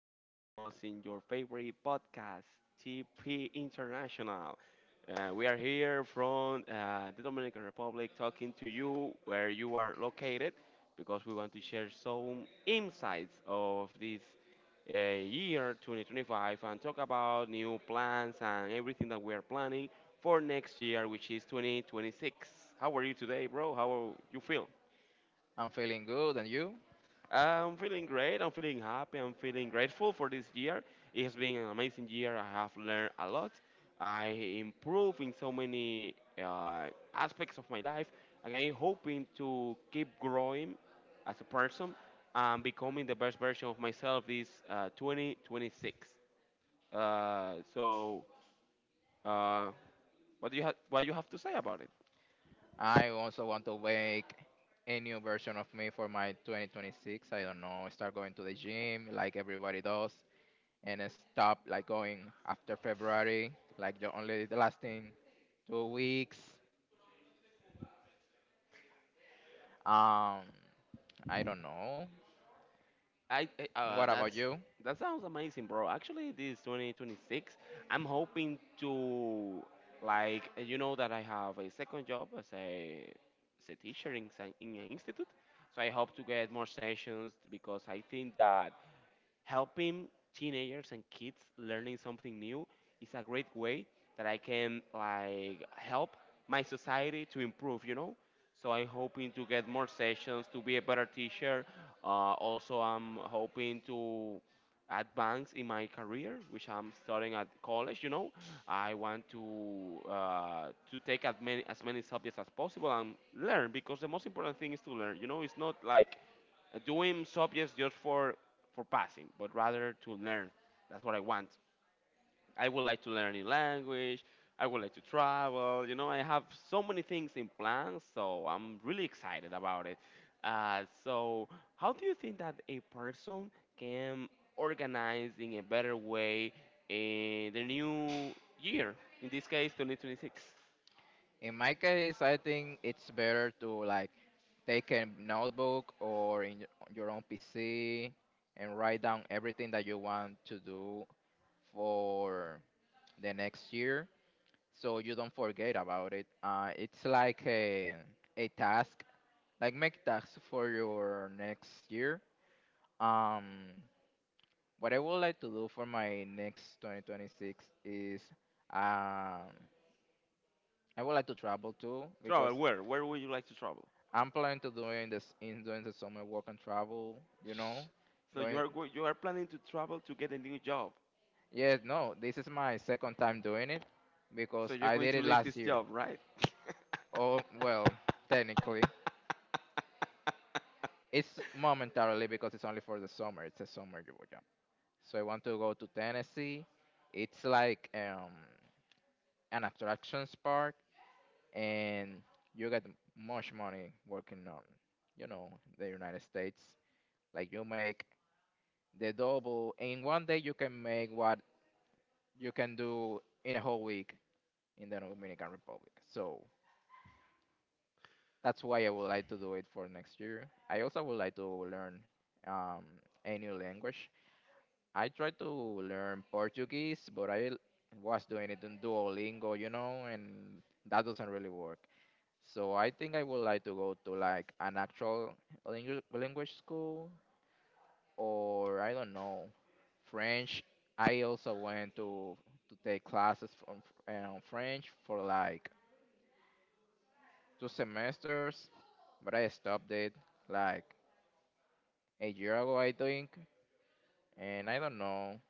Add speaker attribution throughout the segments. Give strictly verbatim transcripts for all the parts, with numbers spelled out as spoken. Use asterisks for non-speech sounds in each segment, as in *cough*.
Speaker 1: for joining us in your favorite podcast, T P International. Uh, we are here from uh, the Dominican Republic talking to you where you are located because we want to share some insights of this uh, year twenty twenty-five and talk about new plans and everything that we are planning for next year, which is twenty twenty-six. How are you today, bro? How you feel?
Speaker 2: I'm feeling good, and you?
Speaker 1: Uh, I'm feeling great. I'm feeling happy. I'm feeling grateful for this year. It has been an amazing year. I have learned a lot. I improve in so many uh, aspects of my life, and I'm hoping to keep growing as a person and becoming the best version of myself this uh, twenty twenty-six. Uh, so, uh, what do you have? What you have to say about it?
Speaker 2: I also want to make a new version of me for my twenty twenty-six. I don't know, start going to the gym like everybody does, and then stop like going after February, like the only the lasting two weeks. Um, I don't know.
Speaker 1: I I-
Speaker 2: And
Speaker 1: uh
Speaker 2: What about
Speaker 1: that's
Speaker 2: you?
Speaker 1: that sounds amazing, bro. Actually, this twenty twenty-six, I'm hoping to, like, eh, you know that I have a second job as a as a teacher in some- in an institute, so I hope to get more sessions because I think that helping teenagers and kids learning something new is a great way that I can, like, help my society to improve, you know. So I'm hoping to get more sessions to be a better teacher. Uh, also, I'm hoping to advance in my career, which I'm studying at college. You know, I want to uh, to take as many as many subjects as possible and learn because the most important thing is to learn. You know, it's not like uh, doing subjects just for for passing, but rather to learn. That's what I want. I would like to learn a language. I would like to travel. You know, I have so many things in plan, so I'm really excited about it. Uh, so, how do you think that a person can organize in a better way in the new year? In this case, twenty twenty-six.
Speaker 2: In my case, I think it's better to like take a notebook or in y- your own P C and write down everything that you want to do for the next year so you don't forget about it. Uh, it's like a, a task, like make tasks for your next year. Um, what I would like to do for my next twenty twenty-six is um, I would like to travel too
Speaker 1: Travel
Speaker 2: because
Speaker 1: where? Where would you like to travel?
Speaker 2: I'm planning to doing this in doing the summer work and travel. You know,
Speaker 1: So you
Speaker 2: going.
Speaker 1: are go- you are planning to travel to get a new job.
Speaker 2: Yes, no, this is my second time doing it
Speaker 1: So
Speaker 2: because
Speaker 1: you're
Speaker 2: I
Speaker 1: going
Speaker 2: did
Speaker 1: to
Speaker 2: it
Speaker 1: leave this
Speaker 2: last year.
Speaker 1: job, right?
Speaker 2: Oh well, technically, It's momentarily because it's only for the summer. It's a summer jo- job. yeah. So I want to go to Tennessee. It's like um, an attractions park, and you get much money working on, you know, the United States. Like you make the double in one day. You can make what you can do in a whole week in the Dominican Republic. So that's why I would like to do it for next year. I also would like to learn um, a new language. I tried to learn Portuguese, but I l- was doing it in Duolingo, you know, and that doesn't really work. So I think I would like to go to like an actual langu- language school, or I don't know, French. I also went to to take classes from um, French for like two semesters, but I stopped it like a year ago, I think. And I don't know.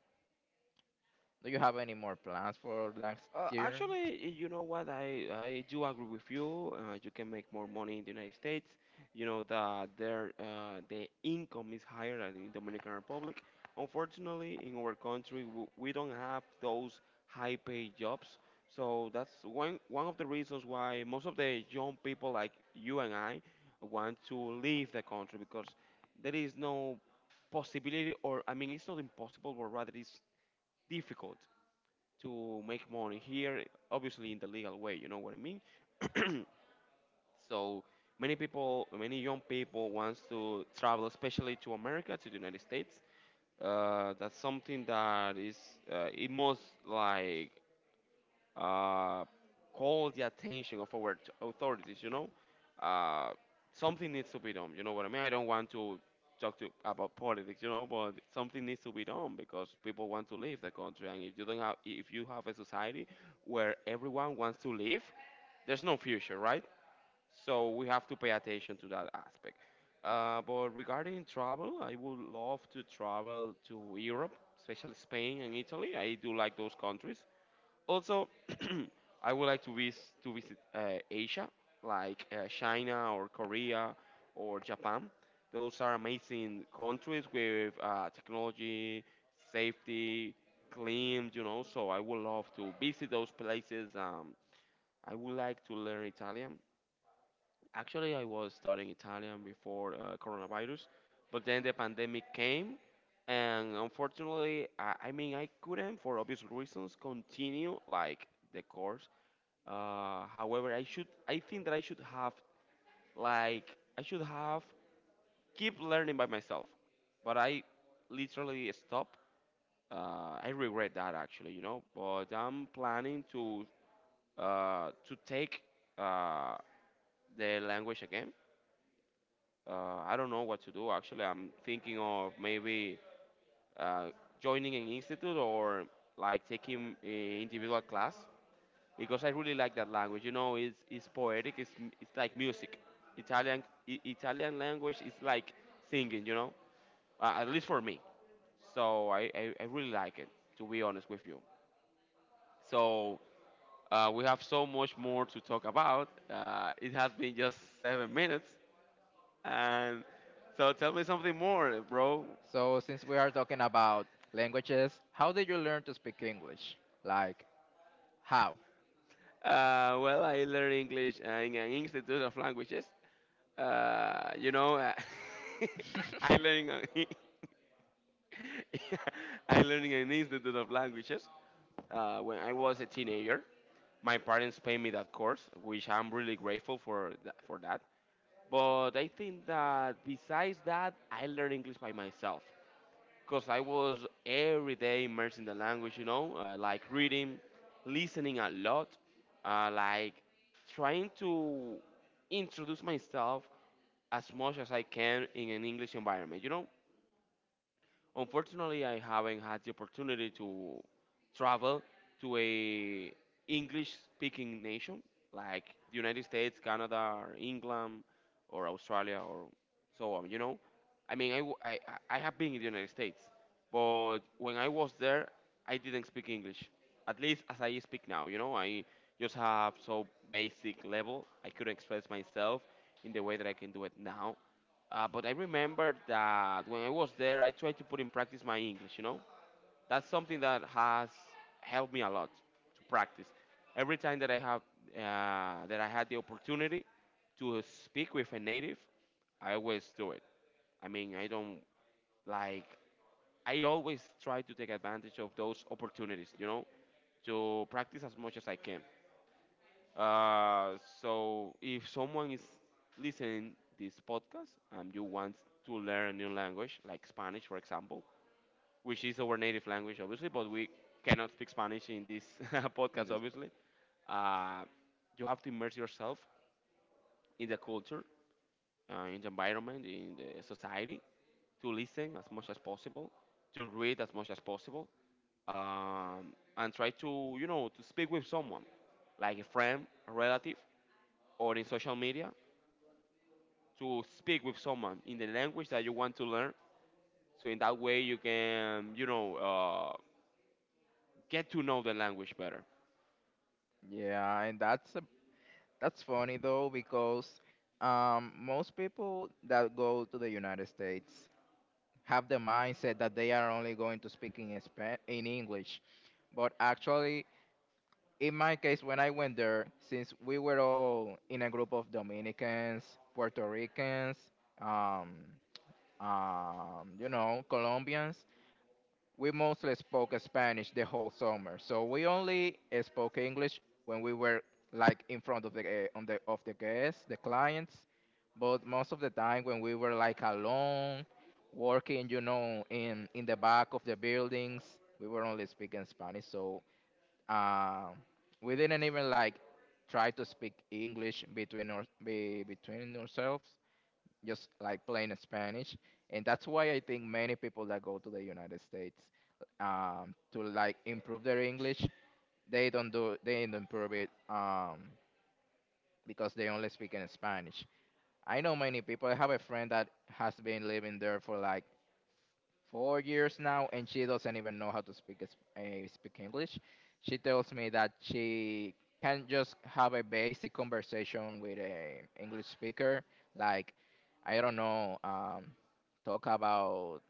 Speaker 2: Do you have any more plans for next
Speaker 1: Uh,
Speaker 2: year?
Speaker 1: actually, you know what? I, I do agree with you. Uh, you can make more money in the United States. You know that their uh, the income is higher than in Dominican Republic. Unfortunately, in our country, w- we don't have those high-paid jobs. So that's one one of the reasons why most of the young people like you and I want to leave the country because there is no possibility, or I mean, it's not impossible, but rather it's difficult to make money here, obviously in the legal way, you know what I mean? *clears throat* So many people, many young people wants to travel, especially to America, to the United States. Uh, that's something that is, uh, it must, like, uh, call the attention of our t- authorities. You know, uh, something needs to be done. You know what I mean? I don't want to talk to about politics. You know, but something needs to be done because people want to leave the country, and if you don't have, if you have a society where everyone wants to leave, there's no future, right? So we have to pay attention to that aspect. Uh, but regarding travel, I would love to travel to Europe, especially Spain and Italy. I do like those countries. Also, *clears throat* I would like to visit to visit uh, Asia, like uh, China or Korea or Japan. Those are amazing countries with uh, technology, safety, clean, you know. So I would love to visit those places. Um, I would like to learn Italian. Actually, I was studying Italian before uh, coronavirus, but then the pandemic came, and unfortunately, I, I mean, I couldn't, for obvious reasons, continue like the course. Uh, however, I should, I think that I should have, like, I should have keep learning by myself, but I literally stopped. Uh, I regret that actually, you know. But I'm planning to uh, to take uh, the language again. Uh, I don't know what to do actually. I'm thinking of maybe uh, joining an institute or like taking a individual class because I really like that language. You know, it's, it's poetic. It's m- it's like music. Italian I- Italian language is like singing. You know, uh, at least for me. So I, I, I really like it, to be honest with you. So uh, we have so much more to talk about. Uh, it has been just seven minutes. And so tell me something more, bro.
Speaker 2: So, since we are talking about languages, how did you learn to speak English? Like, how?
Speaker 1: Uh, well, I learned English uh, in an institute of languages. Uh, you know, uh, *laughs* I
Speaker 2: *laughs*
Speaker 1: learning *laughs* a- I learning an institute of languages. Uh, when I was a teenager, my parents paid me that course, which I'm really grateful for tha- for that. But I think that besides that, I learned English by myself because I was every day immersed in the language, you know, uh, like reading, listening a lot, uh, like trying to introduce myself as much as I can in an English environment, you know. Unfortunately, I haven't had the opportunity to travel to a English-speaking nation like the United States, Canada, or England, or Australia, or so on. You know, I mean, I, w- I- I- I have been in the United States, but when I was there, I didn't speak English, at least as I speak now. You know, I just have so basic level. I couldn't express myself in the way that I can do it now. Uh, but I remember that when I was there, I tried to put in practice my English, you know? That's something that has helped me a lot to practice. Every time that I have uh, that I had the opportunity to speak with a native, I always do it. I mean, I don't, like, I always try to take advantage of those opportunities, you know, to practice as much as I can. Uh, so if someone is listening this podcast and you want to learn a new language, like Spanish, for example, which is our native language, obviously, but we cannot speak Spanish in this *laughs*
Speaker 2: In
Speaker 1: podcast,
Speaker 2: this book.
Speaker 1: obviously. Uh, you have to immerse yourself in the culture, uh, in the environment, in the society, to listen as much as possible, to read as much as possible, um, and try to, you know, to speak with someone, like a friend, a relative, or in social media to speak with someone in the language that you want to learn. So in that way, you can, you know, uh, get to know the language better.
Speaker 2: Yeah, and that's a, that's funny though because um, most people that go to the United States have the mindset that they are only going to speak in Spa- in English, but actually, in my case, when I went there, since we were all in a group of Dominicans, Puerto Ricans, um, um, you know, Colombians, we mostly spoke Spanish the whole summer. So we only uh, spoke English when we were like in front of the uh, on the of the guests, the clients. But most of the time when we were like alone, working, you know, in in the back of the buildings, we were only speaking Spanish. So um, we didn't even like try to speak English between our, be, between ourselves just like plain Spanish. And that's why I think many people that go to the United States um, to like improve their English, they don't do they don't improve it um, because they only speak in Spanish. I know many people. I have a friend that has been living there for like four years now, and she doesn't even know how to speak uh, speak English. She tells me that she can just have a basic conversation with a English speaker, like I don't know, um, talk about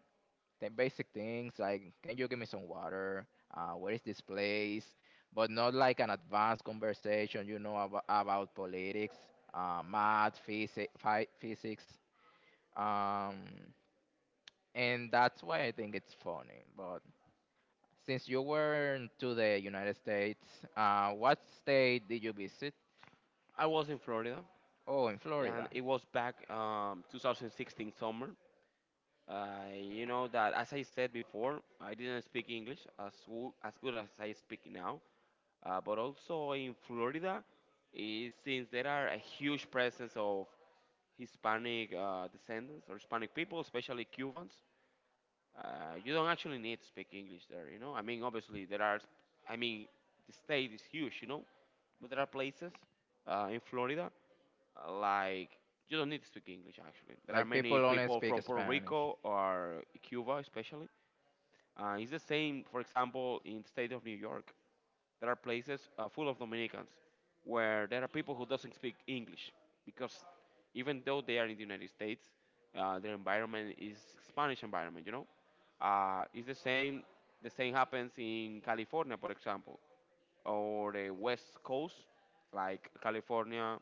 Speaker 2: the basic things, like can you give me some water? Uh, where is this place? But not like an advanced conversation, you know, about, about politics, uh, math, physics, physics. Um, and that's why I think it's funny. But since you were to the United States, uh, what state did you visit?
Speaker 1: I was in Florida,
Speaker 2: Oh, in
Speaker 1: and
Speaker 2: Florida.
Speaker 1: it was back um, two thousand sixteen summer. Uh, you know that, as I said before, I didn't speak English as wo- as good as I speak now. Uh, but also in Florida, is since there are a huge presence of Hispanic uh, descendants or Hispanic people, especially Cubans. Uh, you don't actually need to speak English there, you know. I mean, obviously there are. I mean, the state is huge, you know, but there are places uh, in Florida, uh, like, you don't need to speak English actually. There are
Speaker 2: Like people
Speaker 1: many
Speaker 2: only
Speaker 1: people
Speaker 2: speak
Speaker 1: from Puerto
Speaker 2: Spanish.
Speaker 1: Rico or Cuba, especially. Uh, it's the same, for example, in the state of New York there are places uh, full of Dominicans where there are people who doesn't speak English because even though they are in the United States, uh, their environment is Spanish environment. You know, uh, it's the same. The same happens in California, for example, or the West Coast, like California,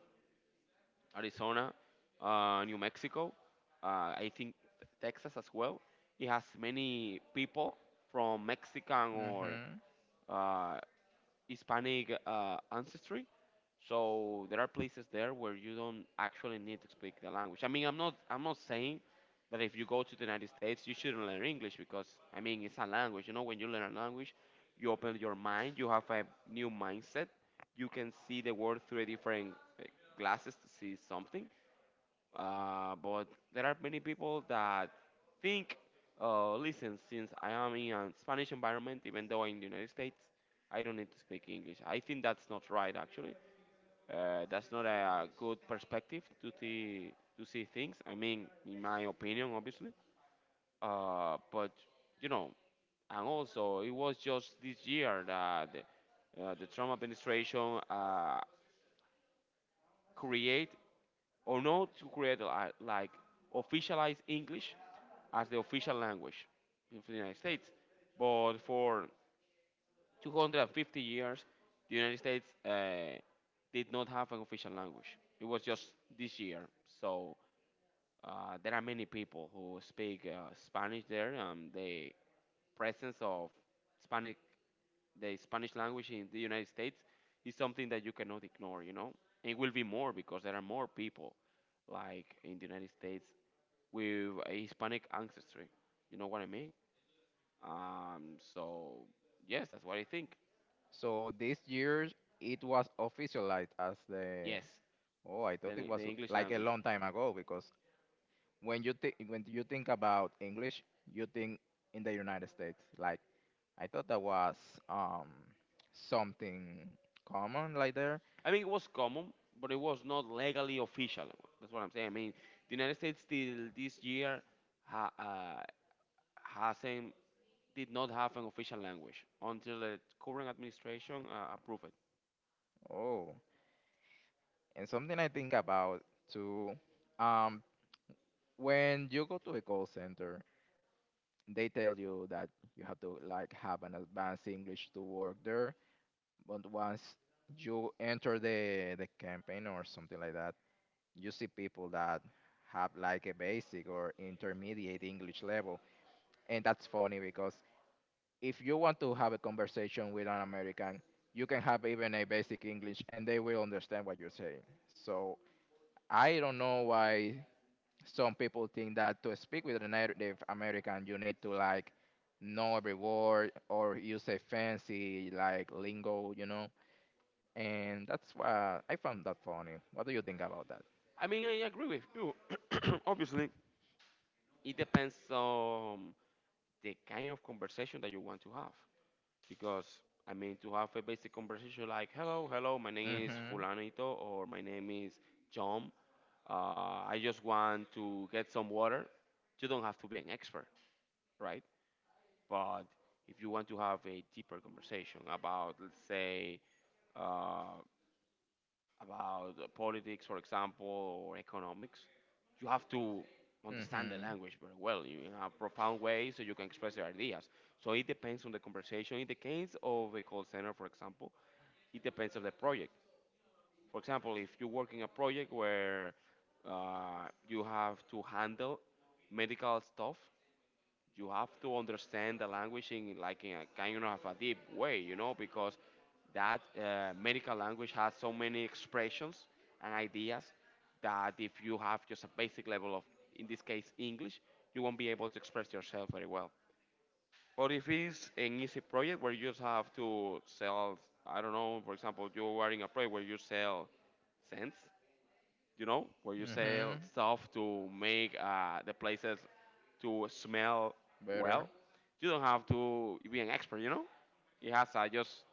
Speaker 1: Arizona, uh, New Mexico. Uh, I think Texas as well. It has many people from Mexican or
Speaker 2: Hmm.
Speaker 1: uh, Hispanic uh, ancestry. So there are places there where you don't actually need to speak the language. I mean, I'm not I'm not saying that if you go to the United States you shouldn't learn English because I mean it's a language. You know, when you learn a language, you open your mind, you have a new mindset, you can see the world through a different uh, glasses to see something. Uh, but there are many people that think, uh, listen, since I am in a Spanish environment, even though I'm in the United States, I don't need to speak English. I think that's not right, actually. Uh, that's not a good perspective to see to see things. I mean, in my opinion, obviously. Uh, but you know, and also it was just this year that uh, the Trump administration uh, create or not to create, li- like, officialized English as the official language in the United States. But for two hundred fifty years, the United States uh, did not have an official language. It was just this year. So uh, there are many people who speak uh, Spanish there. Um, the presence of Spanish the Spanish language in the United States is something that you cannot ignore, you know? It will be more because there are more people, like in the United States, with a Hispanic ancestry. You know what I mean? Um, so, yes, that's what I think.
Speaker 2: So this year it was officialized as the.
Speaker 1: Yes,
Speaker 2: Oh, I thought it
Speaker 1: the, the
Speaker 2: was
Speaker 1: English
Speaker 2: like a
Speaker 1: language.
Speaker 2: long time ago because when you think when you think about English, you think in the United States. Like I thought that was um something common like there.
Speaker 1: I mean, it was common, but it was not legally official. That's what I'm saying. I mean, the United States till this year ha, uh, hasn't did not have an official language until the current administration uh, approved it.
Speaker 2: Oh, and something I think about too. Um, when you go to a call center, they tell you that you have to like have an advanced English to work there. But once you enter the the campaign or something like that, you see people that have like a basic or intermediate English level, and that's funny because if you want to have a conversation with an American, you can have even a basic English, and they will understand what you're saying. So I don't know why some people think that to speak with a Native American, you need to like know every word or use a fancy like lingo, you know. And that's why I found that funny. What do you think about that?
Speaker 1: I mean, I agree with you. *clears throat* Obviously, it depends on the kind of conversation that you want to have. Because, I mean, to have a basic conversation like, hello, hello, my name is
Speaker 2: Mm-hmm.
Speaker 1: Fulanito, or my name is John. Uh, I just want to get some water. You don't have to be an expert, right? But if you want to have a deeper conversation about, let's say, uh, about uh, politics, for example, or economics, you have to understand the
Speaker 2: Mm-hmm.
Speaker 1: language very well you- in a profound way so you can express your ideas. So it depends on the conversation. In the case of a call center, for example, it depends on the project. For example, if you work in a project where uh, you have to handle medical stuff, you have to understand the language in like in a kind of a deep way, you know, because that uh, medical language has so many expressions and ideas that if you have just a basic level of, in this case, English, you won't be able to express yourself very well. But if it's an easy project where you just have to sell, I don't know, for example, you are in a project where you sell scents, you know, where you sell
Speaker 2: Mm-hmm.
Speaker 1: stuff to make uh, the places to smell well.
Speaker 2: Better.
Speaker 1: You don't have to be an expert, you know. It has a just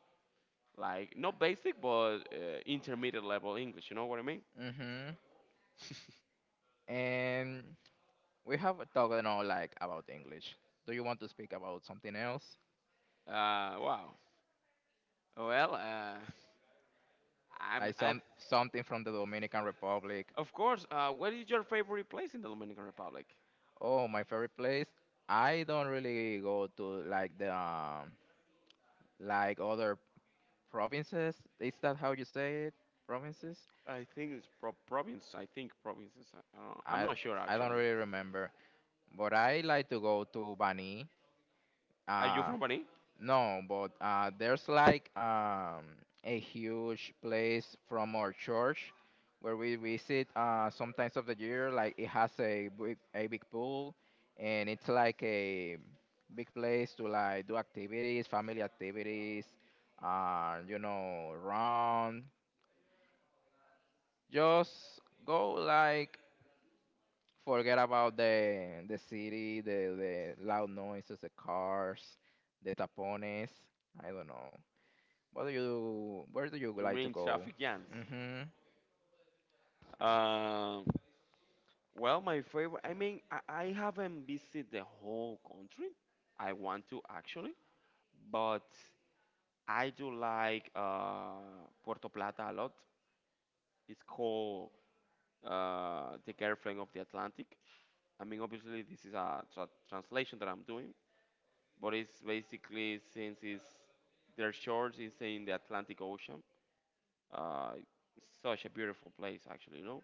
Speaker 1: like not basic but uh, intermediate level English. You know what I mean?
Speaker 2: Mm-hmm.
Speaker 1: *laughs*
Speaker 2: And we have talked you know, like about English. Do you want to speak about something else?
Speaker 1: Uh, wow. Well, uh, I'm.
Speaker 2: Like
Speaker 1: I,
Speaker 2: some something from the Dominican Republic?
Speaker 1: of course. Uh, what is your favorite place in the Dominican Republic?
Speaker 2: Oh, my favorite place. I don't really go to like the um, like other provinces. Is that how you say it? Provinces?
Speaker 1: I think it's pro- province. I think provinces. I, I don't, I'm
Speaker 2: I
Speaker 1: not sure
Speaker 2: I don't
Speaker 1: actually.
Speaker 2: really remember. But I like to go to Bani.
Speaker 1: Are you
Speaker 2: Uh
Speaker 1: from Bani?
Speaker 2: no, but uh there's like um a huge place from our church where we visit uh sometimes of the year. Like it has a big a big pool and it's like a big place to like do activities, family activities, uh, you know, run, Just go like forget about the the city, the the loud noises, the cars, the tapones. I don't know. What do you? Where do you
Speaker 1: You
Speaker 2: like
Speaker 1: mean
Speaker 2: to go?
Speaker 1: Shafiq.
Speaker 2: Mhm.
Speaker 1: Um, Well, my favorite, I mean, I, I haven't visited the whole country. I want to actually, but I do like uh, Puerto Plata a lot. It's called uh, The Girlfriend of the Atlantic. I mean, obviously, this is a tra- translation that I'm doing, but it's basically since it's, their shores is in the Atlantic Ocean, uh, it's such a beautiful place, actually, you know.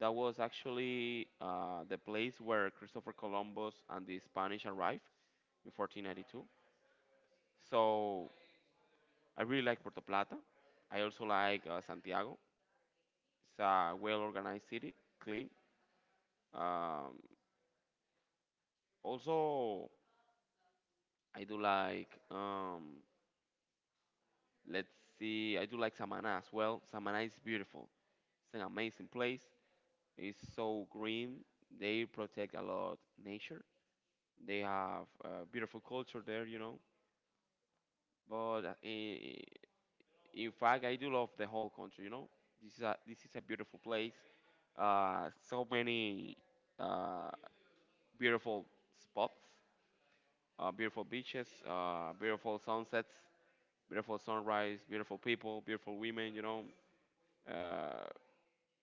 Speaker 1: That was actually uh, the place where Christopher Columbus and the Spanish arrived in fourteen ninety-two. So I really like Puerto Plata. I also like uh, Santiago. It's a well-organized city, clean. Um, Also, I do like. Um, let's see, I do like Samana as well. Samana is beautiful. It's an amazing place. It's so green. They protect a lot nature. They have a beautiful culture there, you know. But uh, i- in fact, I do love the whole country. You know, this is a this is a beautiful place. Uh, so many uh, beautiful spots, uh, beautiful beaches, uh, beautiful sunsets, beautiful sunrise, beautiful people, beautiful women. You know, uh,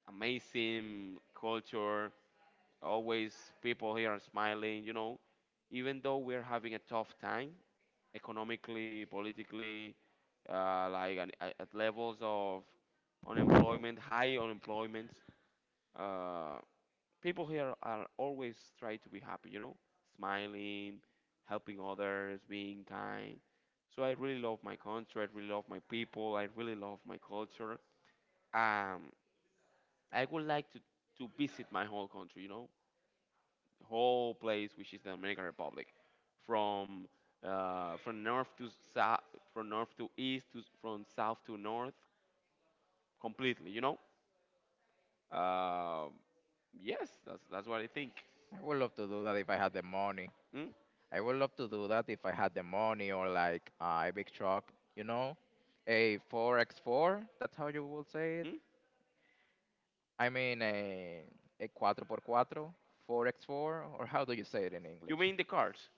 Speaker 1: amazing culture. Always people here are smiling. You know, even though we're having a tough time, economically, politically, uh, like an, at at levels of unemployment, high unemployment. Uh, People here are always try to be happy, you know, smiling, helping others, being kind. So I really love my country. I really love my people. I really love my culture. Um, I would like to to visit my whole country, you know, whole place, which is the Dominican Republic, from uh, from north to south, from north to east, to from south to north, completely. You know. Uh, yes, that's that's what I think.
Speaker 2: I would love to do that if I had the money.
Speaker 1: Mm?
Speaker 2: I would love to do that if I had the money or like uh, a big truck. You know, a four by four. That's how you would say it.
Speaker 1: Mm?
Speaker 2: I mean a a cuatro por cuatro, four by four, or how do you say it in
Speaker 1: You
Speaker 2: English?
Speaker 1: mean the cars?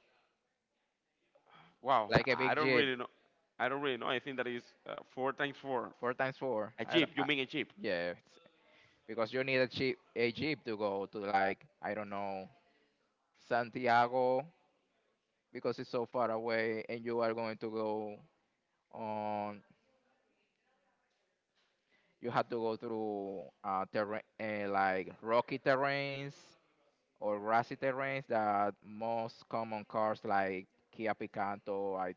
Speaker 1: Wow,
Speaker 2: Like
Speaker 1: *laughs*
Speaker 2: a
Speaker 1: I
Speaker 2: big
Speaker 1: don't
Speaker 2: jeep.
Speaker 1: really know. I don't really know. I think that is uh, four times four.
Speaker 2: Four times four.
Speaker 1: A
Speaker 2: I
Speaker 1: jeep.
Speaker 2: don't.
Speaker 1: You
Speaker 2: I,
Speaker 1: mean a jeep?
Speaker 2: yeah, it's- because you need a cheap a jeep to go to like I don't know Santiago because it's so far away, and you are going to go on. You have to go through uh, terrain uh, like rocky terrains or grassy terrains that most common cars like Kia Picanto. I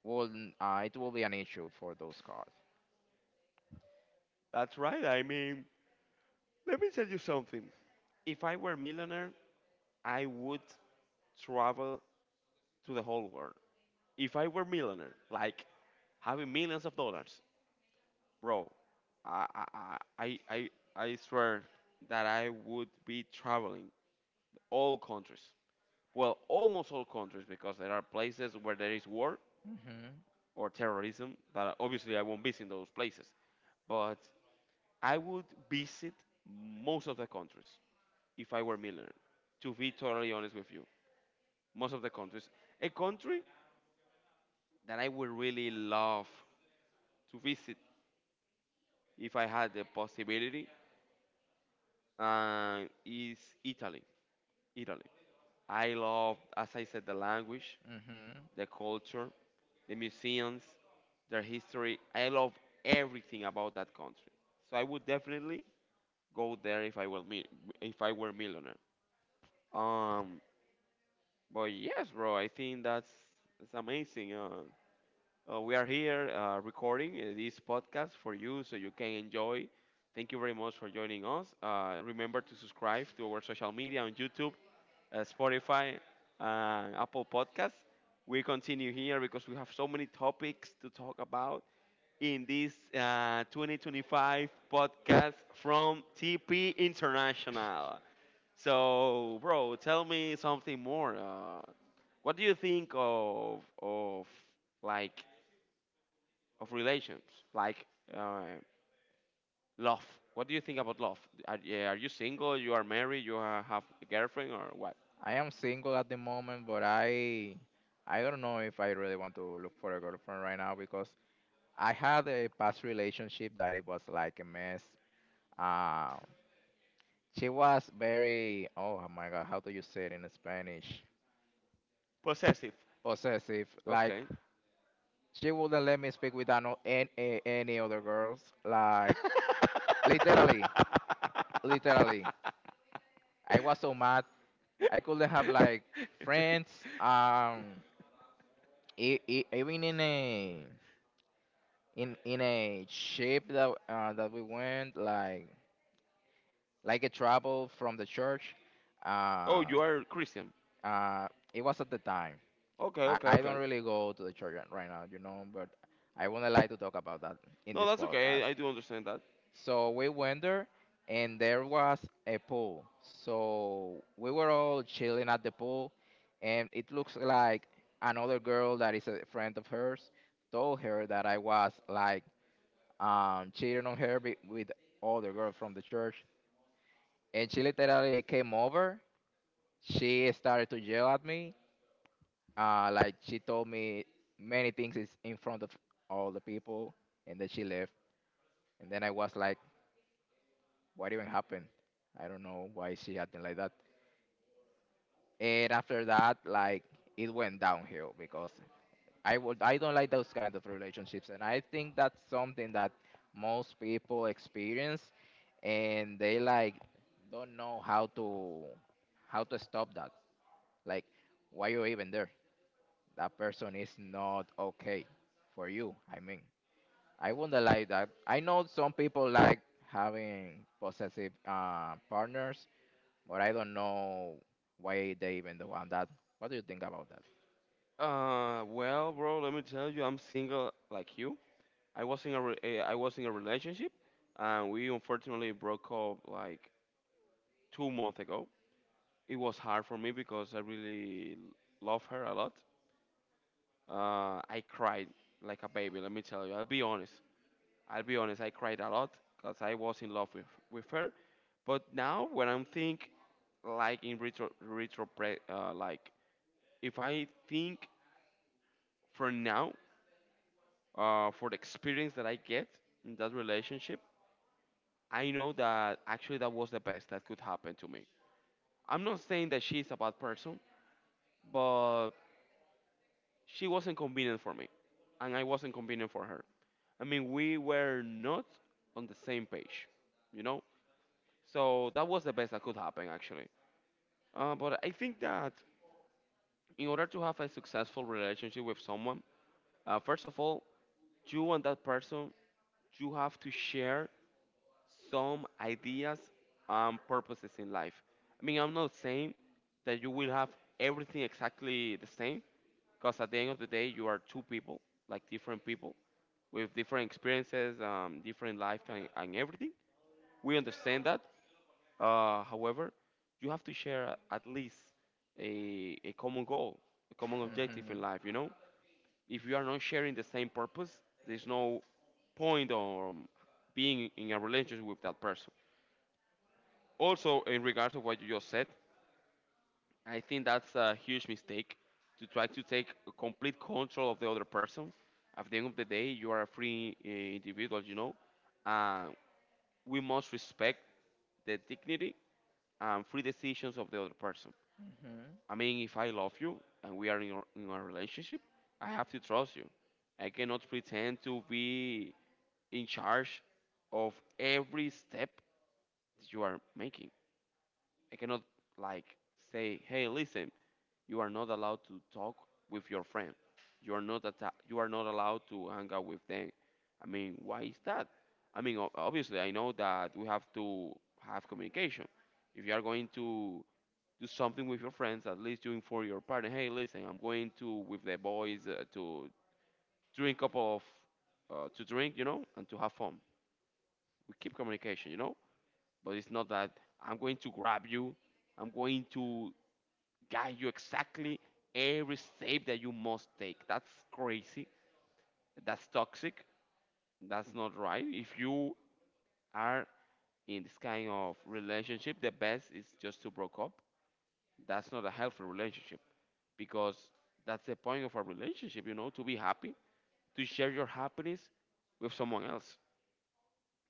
Speaker 2: wouldn't. Uh, it will be an issue for those cars.
Speaker 1: That's right. I mean, let me tell you something. If I were a millionaire, I would travel to the whole world. If I were millionaire, like having millions of dollars, bro, I I I I, I I swear that I would be traveling all countries. Well, almost all countries because there are places where there is war
Speaker 2: Mhm.
Speaker 1: or terrorism that obviously I won't visit those places. But I would visit most of the countries if I were millionaire. To be totally honest with you, most of the countries. A country that I would really love to visit if I had the possibility, uh, is Italy. Italy. I love, as I said, the language,
Speaker 2: Mhm.
Speaker 1: the culture, the museums, their history. I love everything about that country. So I would definitely go there if I were mi- if I were millionaire. Um, but yes, bro, I think that's that's amazing. Uh, Uh, we are here uh, recording uh, this podcast for you so you can enjoy. Thank you very much for joining us. Uh, remember to subscribe to our social media on YouTube, uh, Spotify, and Apple Podcasts. We continue here because we have so many topics to talk about in this uh, twenty twenty-five podcast from T P International. So, bro, tell me something more. Uh, what do you think of of like of relations, like uh, love. What do you think about love? Are, yeah, are you single? You are married? You are, have a girlfriend or what?
Speaker 2: I am single at the moment, but I I don't know if I really want to look for a girlfriend right now because I had a past relationship that it was like a mess. Uh, she was very oh my god, how do you say it in Spanish?
Speaker 1: Possessive.
Speaker 2: Possessive. Like
Speaker 1: Okay.
Speaker 2: she wouldn't let me speak with ano- an- a- any other girls. Like
Speaker 1: *laughs*
Speaker 2: literally, literally, I was so mad. I couldn't have like friends. Um, e- e- even in a in in a ship that uh, that we went like like a travel from the church.
Speaker 1: Oh,
Speaker 2: Uh,
Speaker 1: you are Christian.
Speaker 2: uh, it was at the time.
Speaker 1: Okay,
Speaker 2: I,
Speaker 1: okay,
Speaker 2: I don't
Speaker 1: okay.
Speaker 2: really go to the church right right now, you know, but I wouldn't like to talk about that in
Speaker 1: No,
Speaker 2: this
Speaker 1: that's okay.
Speaker 2: podcast.
Speaker 1: I, I do understand that.
Speaker 2: So we went there, and there was a pool. So we were all chilling at the pool, and it looks like another girl that is a friend of hers told her that I was like um, cheated on her be- with other girl from the church. And she literally came over. She started to yell at me. Uh, like she told me many things is in front of all the people, and then she left. And then I was like, what even happened? I don't know why she acting like that. And after that, like it went downhill because I would I don't like those kind of relationships, and I think that's something that most people experience, and they like don't know how to how to stop that. Like why you're even there? That person is not okay for you. I mean, I wouldn't like that. I know some people like having possessive uh, partners, but I don't know why they even do want that. What do you think about that?
Speaker 1: Uh, well, bro, let me tell you, I'm single like you. I was in a re- eh, I was in a relationship, and we unfortunately broke up like two months ago. It was hard for me because I really love her a lot. Uh, I cried like a baby. Let me tell you. I'll be honest. I'll be honest. I cried a lot because I was in love with with her. But now when I'm think like in retro retro pre- uh, like if I think for now uh, for the experience that I get in that relationship, I know that actually that was the best that could happen to me. I'm not saying that she's a bad person, but she wasn't convenient for me, and I wasn't convenient for her. I mean, we were not on the same page, you know? So that was the best that could happen, actually. Uh, but I think that in order to have a successful relationship with someone, uh, first of all, you and that person, you have to share some ideas and purposes in life. I mean, I'm not saying that you will have everything exactly the same, because at the end of the day, you are two people, like different people with different experiences, um, different lifetime, and everything. We understand that. Uh, however, you have to share at least a, a common goal, a common objective
Speaker 2: Hmm.
Speaker 1: in life. You know, if you are not sharing the same purpose, there's no point on um, being in a relationship with that person. Also, in regards of what you just said, I think that's a huge mistake to try to take complete control of the other person. At the end of the day, you are a free eh, individual, you know. Uh, we must respect the dignity and free decisions of the other person.
Speaker 2: Hmm.
Speaker 1: I mean, if I love you and we are in, your, in a relationship, I have to trust you. I cannot pretend to be in charge of every step that you are making. I cannot like say, "Hey, listen, you are not allowed to talk with your friend. You are not atta- you are not allowed to hang out with them. I mean, why is that? I mean, o- obviously, I know that we have to have communication. If you are going to do something with your friends, at least you inform your partner. Hey, listen, I'm going to with the boys uh, to drink a cup of uh, to drink, you know, and to have fun. We keep communication, you know. But it's not that I'm going to grab you. I'm going to guide you exactly every step that you must take. That's crazy. That's toxic. That's not right. If you are in this kind of relationship, the best is just to break up. That's not a healthy relationship because that's the point of a relationship, you know, to be happy, to share your happiness with someone else.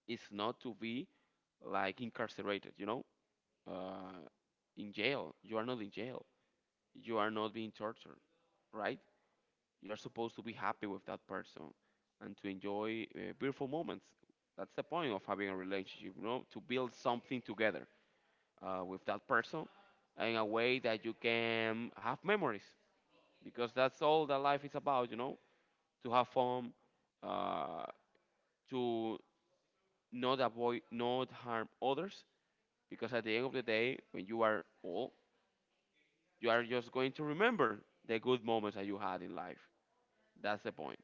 Speaker 1: It's not to be like incarcerated, you know, uh, in jail. You are not in jail. You are not being tortured, right? You're supposed to be happy with that person and to enjoy uh, beautiful moments. That's the point of having a relationship, you know, to build something together uh, with that person in a way that you can have memories because that's all that life is about, you know, to have fun, uh, to not avoid, not harm others because at the end of the day, when you are old, you are just going to remember the good moments that you had in life. That's the point.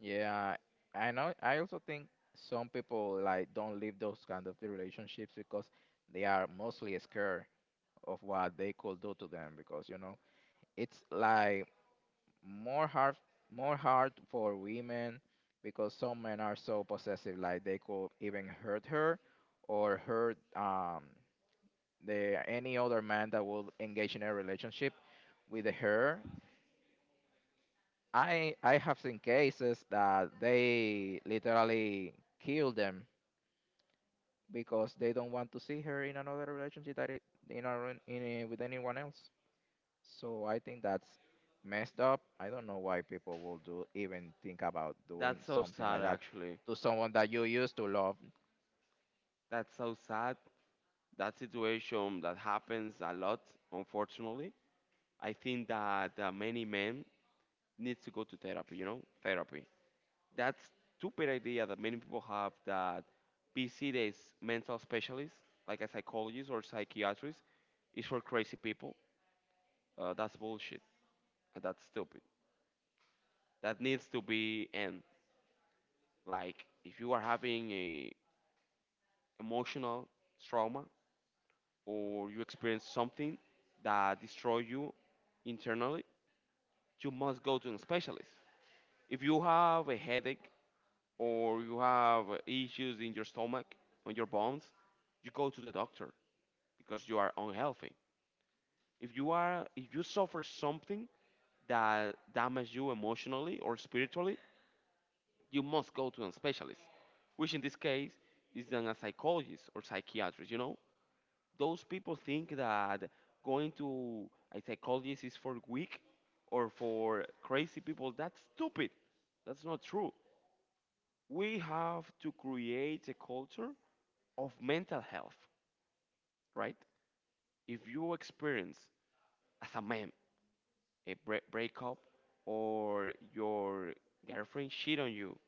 Speaker 2: Yeah, I know. I also think some people like don't leave those kind of relationships because they are mostly scared of what they could do to them, because you know it's like more hard more hard for women because some men are so possessive, like they could even hurt her or hurt um the any other man that will engage in a relationship with her. I I have seen cases that they literally kill them because they don't want to see her in another relationship, that it, in, a, in a, with anyone else. So I think that's messed up. I don't know why people will do even think about doing
Speaker 1: That's so
Speaker 2: something
Speaker 1: sad,
Speaker 2: like that
Speaker 1: actually.
Speaker 2: to someone that you used to love.
Speaker 1: That's so sad. That situation that happens a lot, unfortunately. I think that uh, many men need to go to therapy, you know, therapy. That stupid idea that many people have that P C days, mental specialist, like a psychologist or psychiatrist, is for crazy people. Uh, that's bullshit. Uh, That's stupid. That needs to be end. Like, if you are having a emotional trauma, or you experience something that destroys you internally, you must go to a specialist. If you have a headache or you have issues in your stomach, on your bones, you go to the doctor because you are unhealthy. If you are if you suffer something that damages you emotionally or spiritually, you must go to a specialist, which in this case is then a psychologist or psychiatrist, you know? Those people think that going to a psychologist is for weak or for crazy people. That's stupid. That's not true. We have to create a culture of mental health, right? If you experience as a man a bre- breakup or your girlfriend cheat on you,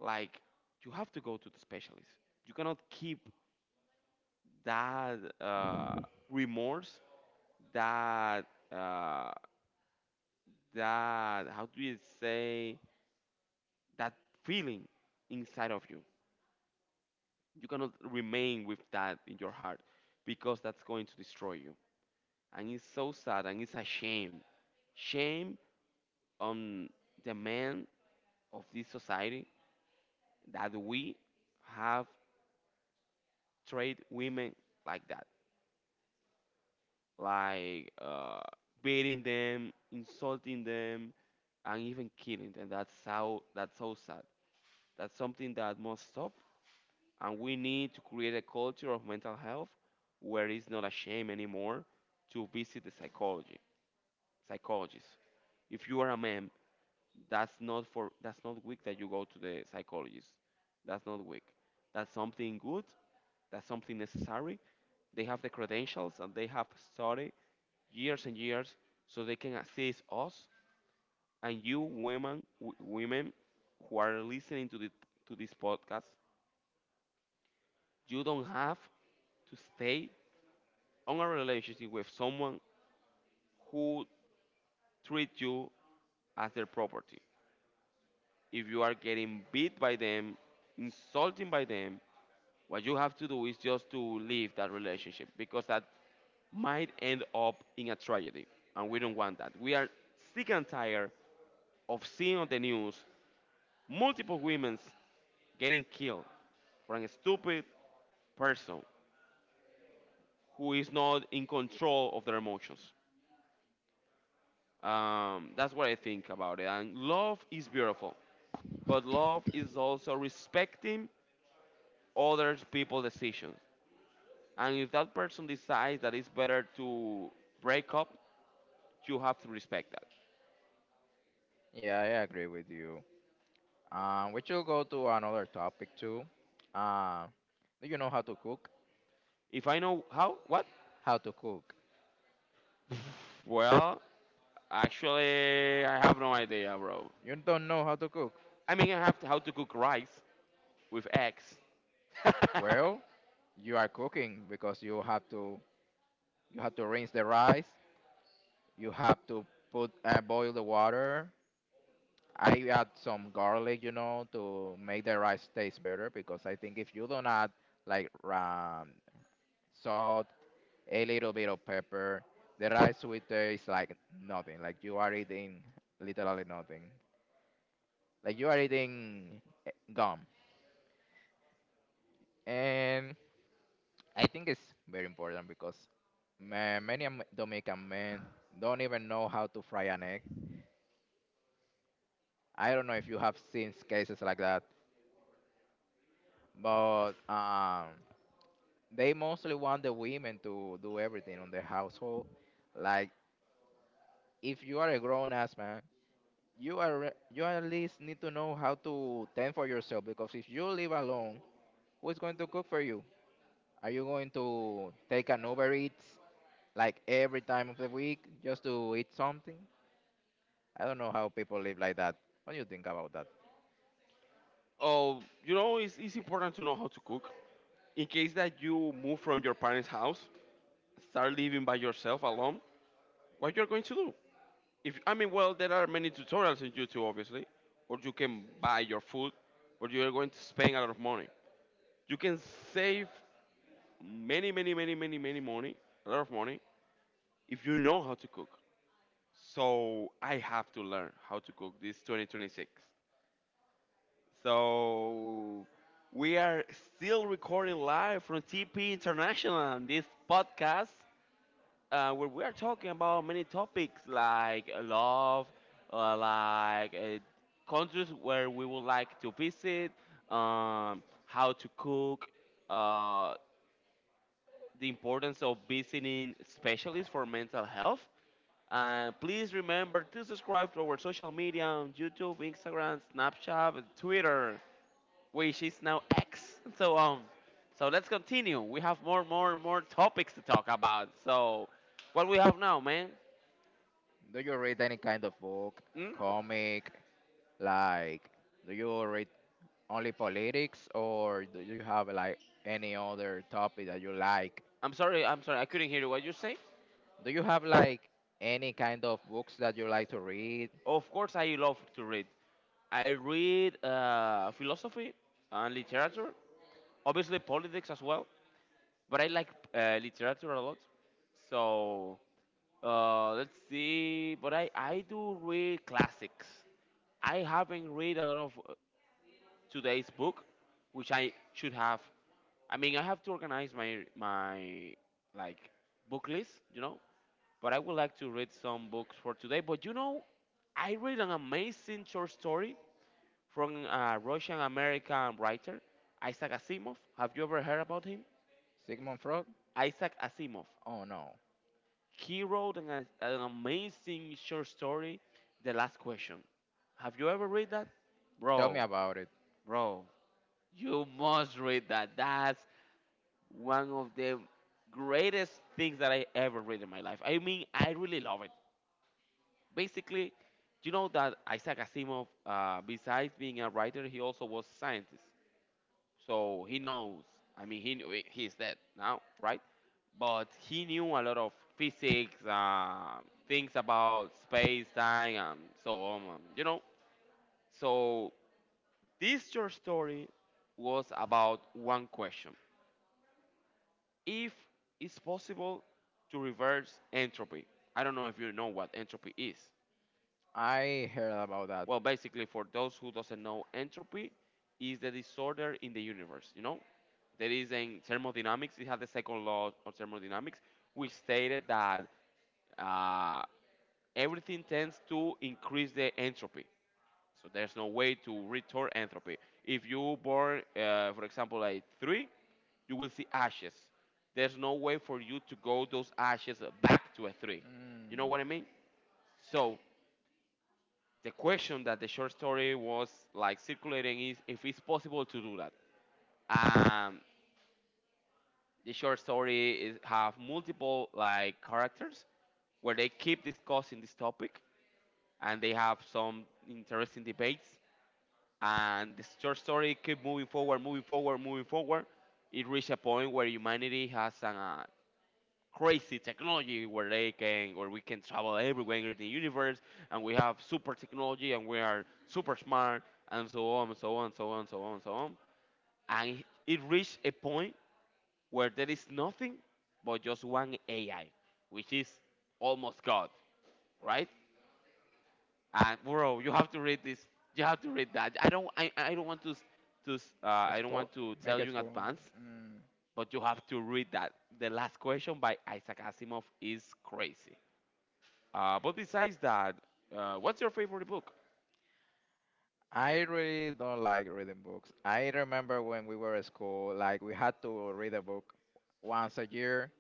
Speaker 1: like you have to go to the specialist. You cannot keep that uh, remorse, that uh, that how do you say that feeling inside of you. You cannot remain with that in your heart because that's going to destroy you, and it's so sad, and it's a shame. Shame on the men of this society that we have treat women like that, like uh, beating them, insulting them, and even killing them. That's how, that's so sad. That's something that must stop, and we need to create a culture of mental health where it's not a shame anymore to visit the psychology psychologist if you are a man. that's not for that's not weak that you go to the psychologist. That's not weak. That's something good. That's something necessary. They have the credentials and they have studied years and years so they can assist us. And you women, w- women who are listening to the to this podcast, you don't have to stay on a relationship with someone who treats you as their property. If you are getting beat by them, insulting by them, what you have to do is just to leave that relationship because that might end up in a tragedy. And we don't want that. We are sick and tired of seeing on the news multiple women getting killed for a stupid person who is not in control of their emotions. Um, that's what I think about it. And love is beautiful. But love is also respecting other people's decisions. And if that person decides that it's better to break up, you have to respect that.
Speaker 2: Yeah, I agree with you. Um, we should go to another topic too. Uh, do you know how to cook?
Speaker 1: If I know how, what?
Speaker 2: How to cook?
Speaker 1: Well, actually, I have no idea, bro.
Speaker 2: You don't know how to cook?
Speaker 1: I mean, I have to, how to cook rice with eggs.
Speaker 2: Well, you are cooking because you have to you have to rinse the rice. You have to put uh, boil the water. I add some garlic, you know, to make the rice taste better because I think if you don't add like um, salt, a little bit of pepper, the rice will taste like nothing. Like you are eating literally nothing. Like you are eating eh, gum. And I think it's very important because ma- many Am- Dominican men don't even know how to fry an egg. I don't know if you have seen cases like that, but um, they mostly want the women to do everything on the household. Like if you are a grown ass man, you are re- you at least need to know how to tend for yourself because if you live alone, who is going to cook for you? Are you going to take an Uber Eats like every time of the week just to eat something? I don't know how people live like that. What do you think about that?
Speaker 1: *laughs* Oh, you know, it's, it's important to know how to cook. In case that you move from your parents' house, start living by yourself alone, what you're going to do? If I mean, well, there are many tutorials on YouTube, obviously, or you can buy your food, but you are going to spend a lot of money. You can save many, many, many, many, many money, a lot of money, if you know how to cook. So I have to learn how to cook this twenty twenty-six. So we are still recording live from T P International, this podcast. Uh, where we are talking about many topics like love, uh, like uh, countries where we would like to visit, um, how to cook, uh, the importance of visiting specialists for mental health. And please remember to subscribe to our social media on YouTube, Instagram, Snapchat, and Twitter, which is now X. So um, so let's continue. We have more, more, more topics to talk about. So, what we have now, man?
Speaker 2: Do you read any kind of book,
Speaker 1: Hmm?
Speaker 2: comic, like? Do you read only politics or do you have like any other topic that you like?
Speaker 1: I'm sorry, I'm sorry, I couldn't hear you. What you say?
Speaker 2: Do you have like any kind of books that you like to read?
Speaker 1: Of course, I love to read. I read uh, philosophy and literature, obviously politics as well, but I like uh, literature a lot. So uh, let's see. But I, I do read classics. I haven't read a lot of uh, today's book, which I should have. I mean, I have to organize my my like book list, you know, but I would like to read some books for today. But you know, I read an amazing short story from a Russian American writer, Isaac Asimov. Have you ever heard about him?
Speaker 2: Sigmund Freud?
Speaker 1: Isaac Asimov.
Speaker 2: Oh no.
Speaker 1: He wrote an, an amazing short story, The Last Question. Have you ever read that?
Speaker 2: Tell me
Speaker 1: Bro,
Speaker 2: about it.
Speaker 1: bro, you must read that. That's one of the greatest things that I ever read in my life. I mean, I really love it. Basically, you know that Isaac Asimov, uh, besides being a writer, he also was a scientist. So he knows. I mean, he knew- he dead now, right? But he knew a lot of physics, uh, things about space, time, and so on. um, You know. So this short story was about one question: if it's possible to reverse entropy. I don't know if you know what entropy is.
Speaker 2: I heard about that.
Speaker 1: Well, basically, for those who doesn't know, entropy is the disorder in the universe. You know, there is in thermodynamics. It has the second law of thermodynamics, which stated that uh, everything tends to increase the entropy. So there's no way to return entropy. If you burn, uh, for example, a three, you will see ashes. There's no way for you to go those ashes back to a three. You
Speaker 2: Mm.
Speaker 1: know what I mean? So the question that the short story was like circulating is if it's possible to do that. Um, the short story is have multiple like characters where they keep discussing this topic, and they have some interesting debates, and the short story keep moving forward, moving forward, moving forward. It reached a point where humanity has an, uh, crazy technology where they can or we can travel everywhere in the universe, and we have super technology and we are super smart and so on and so on, so on, so on, so on, and it reached a point where there is nothing but just one A I, which is almost God, right? And bro, you have to read this, you have to read that. I don't I, I don't want to s- to s- uh, I don't
Speaker 2: Spo-
Speaker 1: want to
Speaker 2: Make
Speaker 1: tell
Speaker 2: it
Speaker 1: you in
Speaker 2: spoil.
Speaker 1: advance,
Speaker 2: Mm.
Speaker 1: but you have to read that. The Last Question by Isaac Asimov is crazy. Uh, but besides that, uh, what's your favorite book?
Speaker 2: I really don't like reading books. I remember when we were at school, like we had to read a book once a year,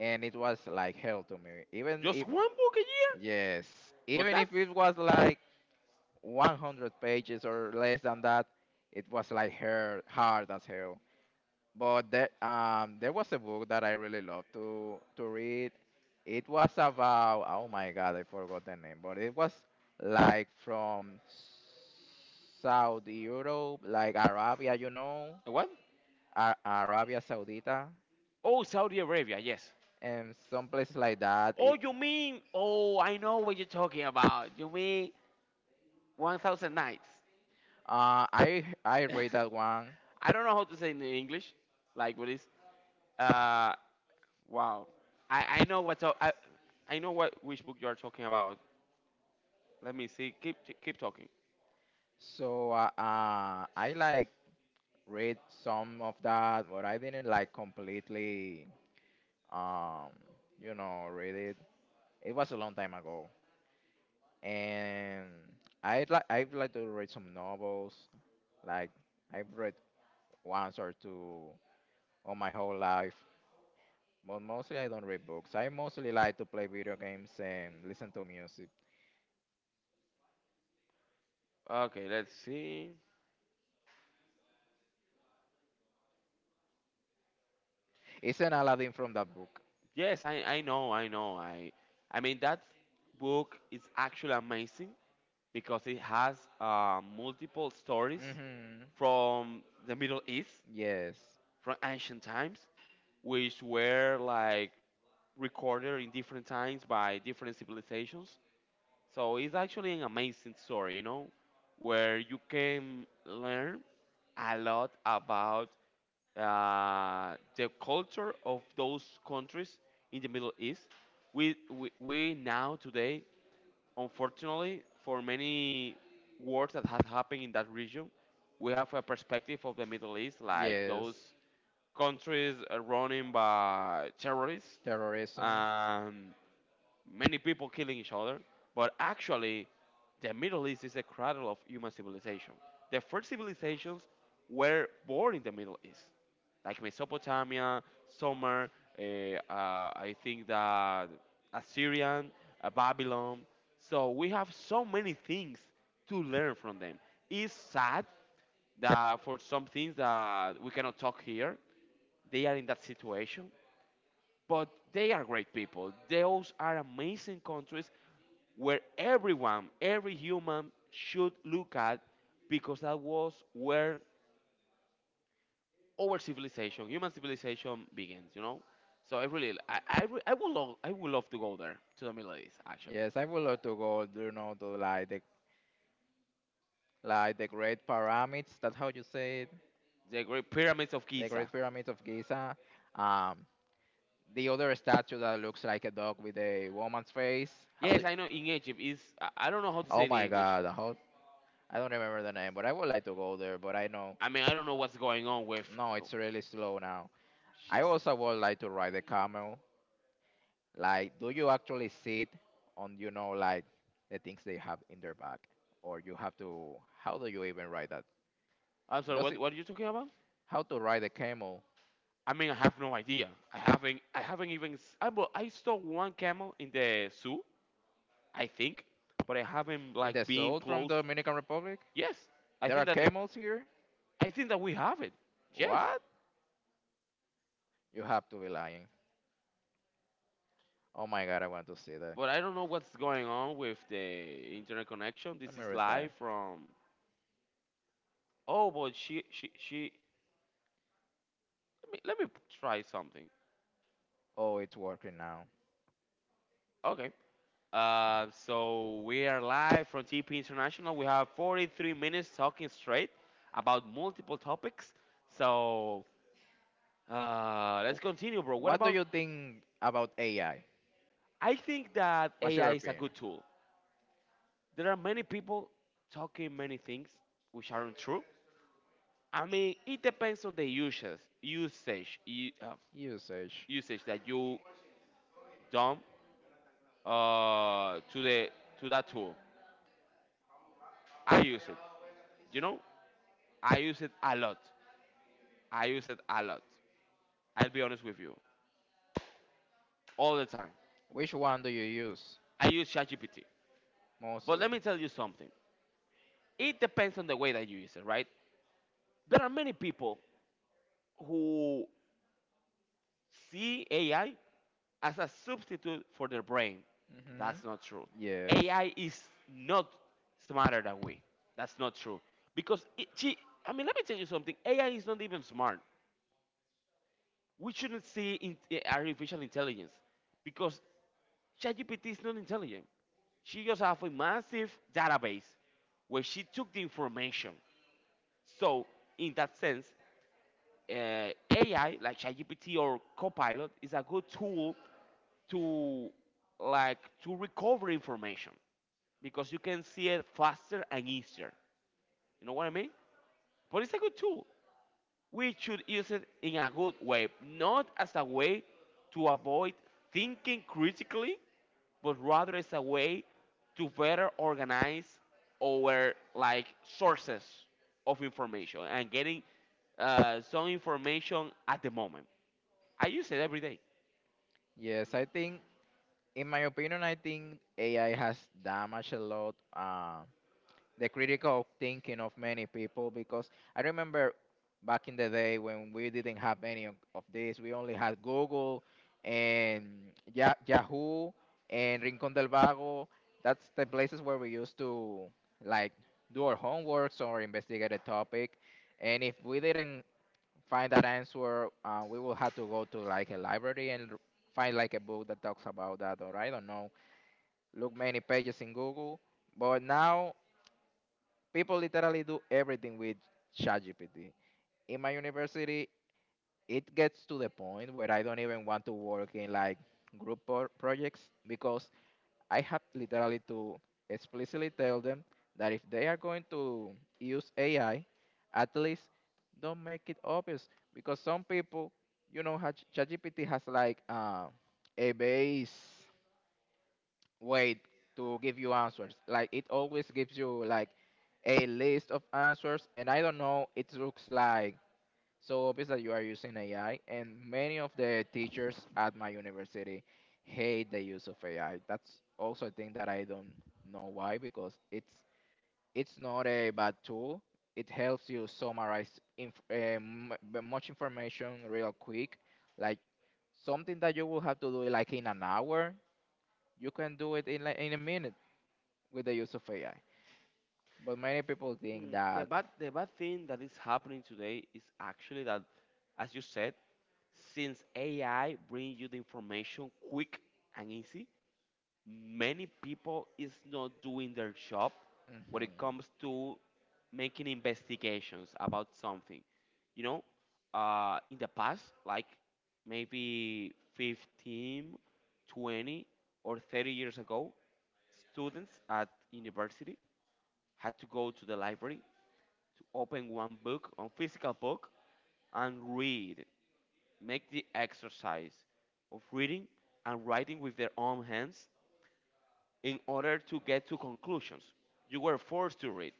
Speaker 2: and it was like hell to me. Even if
Speaker 1: Just one book a year?
Speaker 2: yes,
Speaker 1: But
Speaker 2: even
Speaker 1: that's
Speaker 2: if it was like one hundred pages or less than that, it was like her hard as hell. But there, um, there was a book that I really loved to to read. It was about oh my god, I forgot the name, but it was like from South Europe, like Arabia, you know,
Speaker 1: what?
Speaker 2: Ar- Arabia Saudita,
Speaker 1: Oh, Saudi Arabia. Yes.
Speaker 2: and some places like that.
Speaker 1: Oh,
Speaker 2: It,
Speaker 1: you mean? Oh, I know what you're talking about. You mean One Thousand Nights?
Speaker 2: uh, I I read that
Speaker 1: *laughs*
Speaker 2: one,
Speaker 1: I don't know how to say it in English. Like what is? Uh, wow. I I know what to- I I know what which book you are talking about. Let me see. Keep keep talking.
Speaker 2: so uh, uh, I like read some of that, but I didn't like completely, um, you know, read it. It was a long time ago, and I'd like I'd like to read some novels. Like I've read once or two all my whole life, but mostly I don't read books. I mostly like to play video games and listen to music.
Speaker 1: Okay, let's see.
Speaker 2: Isn't Aladdin from that book?
Speaker 1: Yes, I, I know, I know. I I mean that book is actually amazing because it has uh, multiple stories
Speaker 2: Hmm.
Speaker 1: from the Middle East,
Speaker 2: Yes,
Speaker 1: from ancient times, which were like recorded in different times by different civilizations. So it's actually an amazing story, you know, where you can learn a lot about uh, the culture of those countries in the Middle East. We, we, we now today, unfortunately, for many wars that have happened in that region, we have a perspective of the Middle East, like
Speaker 2: yes.
Speaker 1: those countries uh, running by terrorists.
Speaker 2: Terrorism.
Speaker 1: Um, Many people killing each other, but actually, the Middle East is a cradle of human civilization. The first civilizations were born in the Middle East, like Mesopotamia, Sumer, uh, uh, I think that Assyrian, uh, Babylon. So we have so many things to learn from them. It's sad that for some things that we cannot talk here, they are in that situation, but they are great people. Those are amazing countries where everyone, every human should look at, because that was where our civilization, human civilization begins, you know? So I really, I, I, re- I, would love, I would love to go there, to the Middle East, actually.
Speaker 2: Yes, I would love to go, you know, to like the like the Great Pyramids. That's how you say it.
Speaker 1: The Great Pyramids of
Speaker 2: The
Speaker 1: Giza.
Speaker 2: Great Pyramids of Giza. Um, the other statue that looks like a dog with a woman's face. How
Speaker 1: Yes,
Speaker 2: do?
Speaker 1: I know in Egypt is, I I don't know how to say
Speaker 2: Oh
Speaker 1: it in
Speaker 2: my
Speaker 1: English.
Speaker 2: God! How, I don't remember the name, but I would like to go there. But I know,
Speaker 1: I mean, I don't know what's going on with,
Speaker 2: no,
Speaker 1: oh,
Speaker 2: it's really slow now. I
Speaker 1: Jesus.
Speaker 2: also would like to ride the camel. Like, do you actually sit on, you know, like the things they have in their back, or you have to? How do you even ride that?
Speaker 1: I'm sorry,
Speaker 2: Does
Speaker 1: what,
Speaker 2: it?
Speaker 1: what are you talking about?
Speaker 2: How to ride a camel
Speaker 1: I mean, I have no idea. I haven't. I haven't even. S- I well, I saw one camel in the zoo, I think, but I haven't
Speaker 2: in
Speaker 1: like
Speaker 2: the
Speaker 1: been
Speaker 2: south from
Speaker 1: close.
Speaker 2: Dominican Republic?
Speaker 1: Yes, I
Speaker 2: There
Speaker 1: think
Speaker 2: are
Speaker 1: that. It-
Speaker 2: camels here?
Speaker 1: I think that we have it. Yes,
Speaker 2: What? You have to be lying. Oh my god, I want to see that.
Speaker 1: but I don't know what's going on with the internet connection.
Speaker 2: Let
Speaker 1: This
Speaker 2: me
Speaker 1: is
Speaker 2: restart.
Speaker 1: live from. Oh, but she she she. Let me let me try something.
Speaker 2: Oh, it's working now.
Speaker 1: Okay. Uh, so we are live from T P International. We have forty-three minutes talking straight about multiple topics. So Uh,
Speaker 2: W-
Speaker 1: let's continue, bro. What
Speaker 2: What do
Speaker 1: about?
Speaker 2: you think about A I?
Speaker 1: I think that
Speaker 2: What's your
Speaker 1: A I is a
Speaker 2: opinion?
Speaker 1: good tool. There are many people talking many things which aren't true. I mean, it depends on the usage, usage, u- uh,
Speaker 2: Usage.
Speaker 1: usage that you done uh, to the to that tool. I use it. You know, I use it a lot. I use it a lot. I'll be honest with you, all the time.
Speaker 2: Which one do you use
Speaker 1: I use ChatGPT. But
Speaker 2: mostly?
Speaker 1: let me tell you something. It depends on the way that you use it, right? There are many people who see A I as a substitute for their brain.
Speaker 2: Mm-hmm.
Speaker 1: That's not true.
Speaker 2: Yes.
Speaker 1: A I is not smarter than we. That's not true. Because, it, gee, I mean, let me tell you something, A I is not even smart. We shouldn't see in, eh, artificial intelligence because ChatGPT is not intelligent. She just have a massive database where she took the information, so in that sense, uh, A I like ChatGPT or Copilot is a good tool to like to recover information because you can see it faster and easier. You know what I mean? But it's a good tool, we should use it in a good way, not as a way to avoid thinking critically, but rather as a way to better organize our like sources of information and getting uh, some information at the moment. I use it every day.
Speaker 2: Yes, I think, in my opinion, I think A I has damaged a lot. Uh, the critical thinking of many people because I remember back in the day when we didn't have any of, of this, we only had Google and Ya Yahoo and Rincon del Vago. That's the places where we used to like do our homeworks or investigate a topic. And if we didn't find that answer, uh, we will have to go to like a library and r- find like a book that talks about that, or I don't know, look many pages in Google. But now people literally do everything with ChatGPT. In my university, it gets to the point where I don't even want to work in like group pro- projects because I have literally to explicitly tell them that if they are going to use A I, at least don't make it obvious because some people, you know, how ChatGPT has like uh, a base wait to give you answers. Like it always gives you like a list of answers, and I don't know. It looks like so obvious that you are using A I, and many of the teachers at my university hate the use of A I. That's also a thing that I don't know why because it's it's not a bad tool. It helps you summarize inf- uh, much information real quick, like something that you will have to do like in an hour you can do it in like in a minute with the use of A I. But many people think
Speaker 1: Mm, The
Speaker 2: that.
Speaker 1: bad, the bad thing that is happening today is actually that, as you said, since A I brings you the information quick and easy, many people is not doing their job when it
Speaker 2: Hmm.
Speaker 1: comes to making investigations about something, you know, uh, in the past like maybe fifteen, twenty, or thirty years ago, students at university had to go to the library to open one book on physical book and read, make the exercise of reading and writing with their own hands in order to get to conclusions. You were forced to read,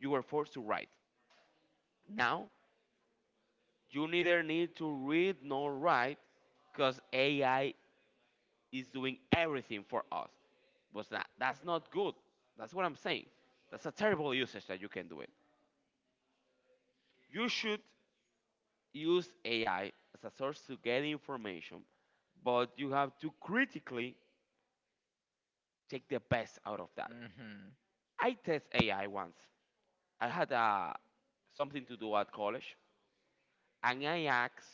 Speaker 1: you were forced to write. Now, you neither need to read nor write because A I is doing everything for us. But that, that's not good. That's what I'm saying. That's a terrible usage that you can do it. You should use A I as a source to get information, but you have to critically take the best out of that.
Speaker 2: Hmm.
Speaker 1: I test A I once. I had uh, something to do at college, and I asked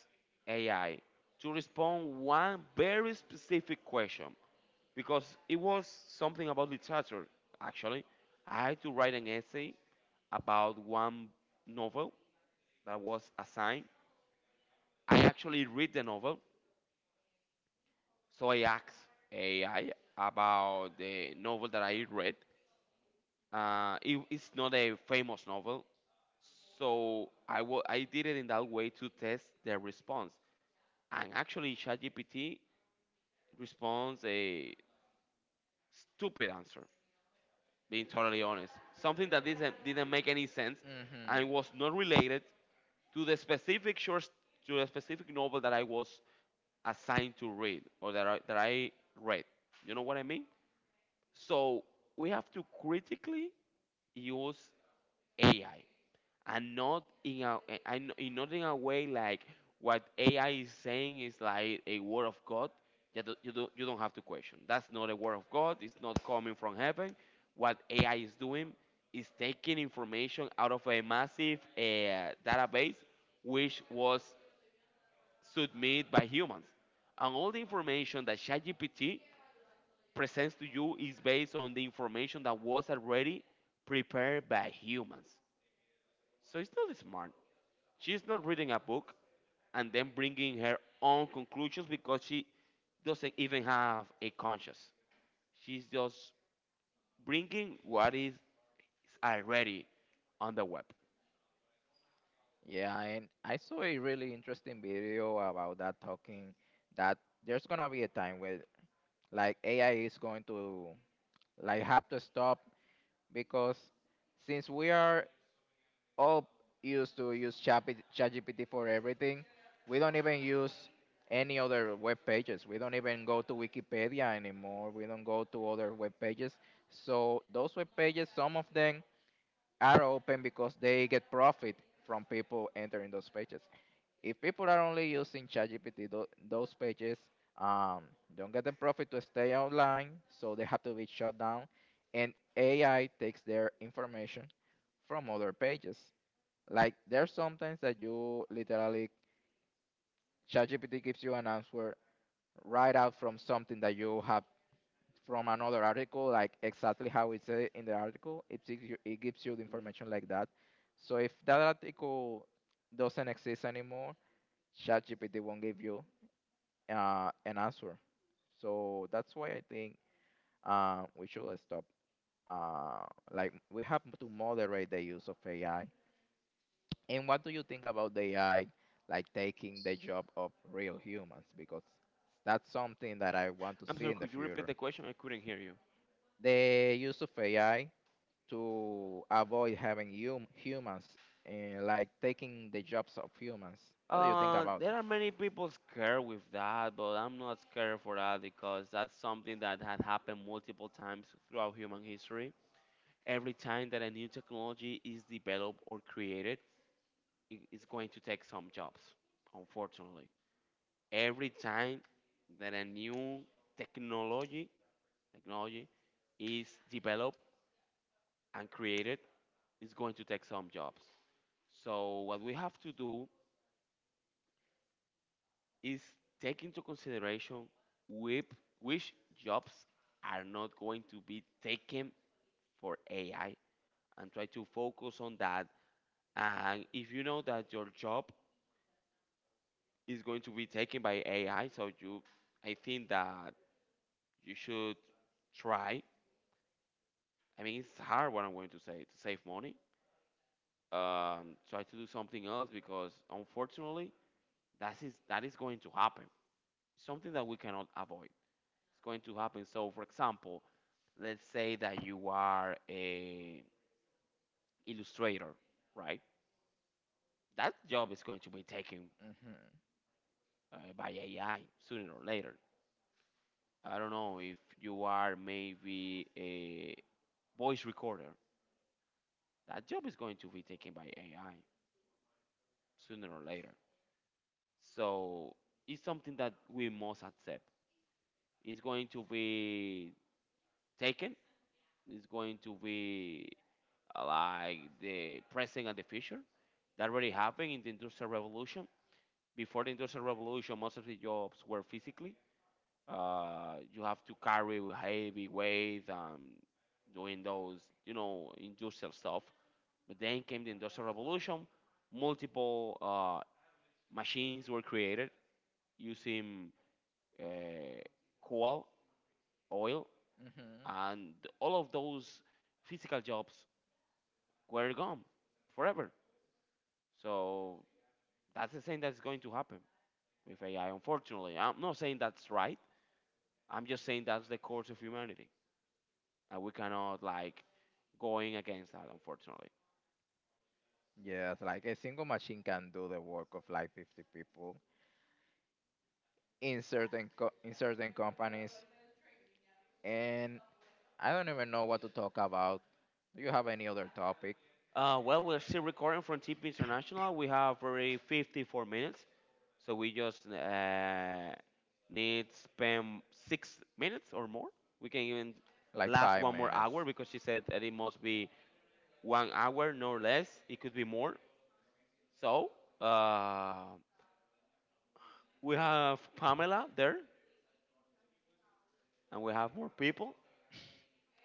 Speaker 1: A I to respond one very specific question because it was something about literature. Actually, I had to write an essay about one novel that was assigned. I actually read the novel, so I asked A I about the novel that I read. Uh, it, it's not a famous novel, so I wa- I did it in that way to test their response. And actually, ChatGPT responds a stupid answer, being totally honest. Something that didn't, didn't make any sense
Speaker 2: Hmm.
Speaker 1: and was not related to the specific short, to the specific novel that I was assigned to read or that I, that I read. You know what I mean? So we have to critically use A I, and not in a eh, and and not in a way like what A I is saying is like a word of God. You don't, you don't you don't have to question. That's not a word of God. It's not coming from heaven. What A I is doing is taking information out of a massive uh, database which was submitted by humans, and all the information that ChatGPT presents to you is based on the information that was already prepared by humans. So it's not smart. She's not reading a book and then bringing her own conclusions because she doesn't even have a conscience. She's just bringing what is already on the web.
Speaker 2: Yeah, and I saw a really interesting video about that talking that there's gonna be a time where like A I is going to like have to stop because since we are all used to use Chapi- ChatGPT for everything. We don't even use any other web pages. We don't even go to Wikipedia anymore. We don't go to other web pages. So those web pages, some of them are open because they get profit from people entering those pages. If people are only using ChatGPT, tho- those pages um, don't get the profit to stay online, so they have to be shut down. And A I takes their information from other pages. Like there's sometimes that you literally ChatGPT gives you an answer right out from something that you have from another article, like exactly how it's said in the article. It gives you it gives you the
Speaker 1: Mm.
Speaker 2: information like that. So if that article doesn't exist anymore, ChatGPT won't give you uh, an answer. So that's why I think uh, we should stop. Uh, like we have to moderate the use of A I. And what do you think about the A I like taking the job of real humans? Because that's something that I want to
Speaker 1: I'm
Speaker 2: see
Speaker 1: sorry,
Speaker 2: in the
Speaker 1: could you repeat
Speaker 2: future.
Speaker 1: the question? I couldn't hear you.
Speaker 2: The use of A I to avoid having hum- humans eh, like taking the jobs of humans. What do you think
Speaker 1: Uh,
Speaker 2: about
Speaker 1: there are many people scared with that, but I'm not scared for that because that's something that had happened multiple times throughout human history. Every time that a new technology is developed or created, it is going to take some jobs, unfortunately. Every time that a new technology technology is developed and created, it's going to take some jobs. So what we have to do is take into consideration whip, which jobs are not going to be taken for A I and try to focus on that. And if you know that your job is going to be taken by A I, so you, I think that you should try. I mean, it's hard what I'm going to say, to save money. Um, try to do something else because unfortunately, that is that is going to happen. Something that we cannot avoid. It's going to happen. So, for example, let's say that you are a illustrator, right? That job is going to be taken
Speaker 2: that? Hmm.
Speaker 1: uh, by A I sooner or later. I don't know if you are maybe a voice recorder. That job is going to be taken by A I sooner or later. So it's something that we must accept. It's going to be taken. It's going to be uh, like the present and the future that already happened in the industrial revolution. Before the Industrial Revolution, most of the jobs were physically. Uh, you have to carry heavy weights and doing those, you know, industrial stuff. But then came the Industrial Revolution. Multiple uh, machines were created using uh, coal, oil,
Speaker 2: Hmm.
Speaker 1: and all of those physical jobs were gone forever. So that's the same that's going to happen with A I, unfortunately. I'm not saying that's right, I'm just saying that's the course of humanity, and we cannot like going against that, unfortunately.
Speaker 2: Yes, like a single machine can do the work of like fifty people in certain co- in certain companies. And I don't even know what to talk about. Do you have any other topic?
Speaker 1: Uh, well, we're still recording from T P International. We have already fifty-four minutes, so we just uh, need spend six minutes or more. We can even
Speaker 2: Like
Speaker 1: last
Speaker 2: five
Speaker 1: one more
Speaker 2: minutes.
Speaker 1: hour because she said that it must be one hour, no less. It could be more. So uh, we have Pamela there, and we have more people.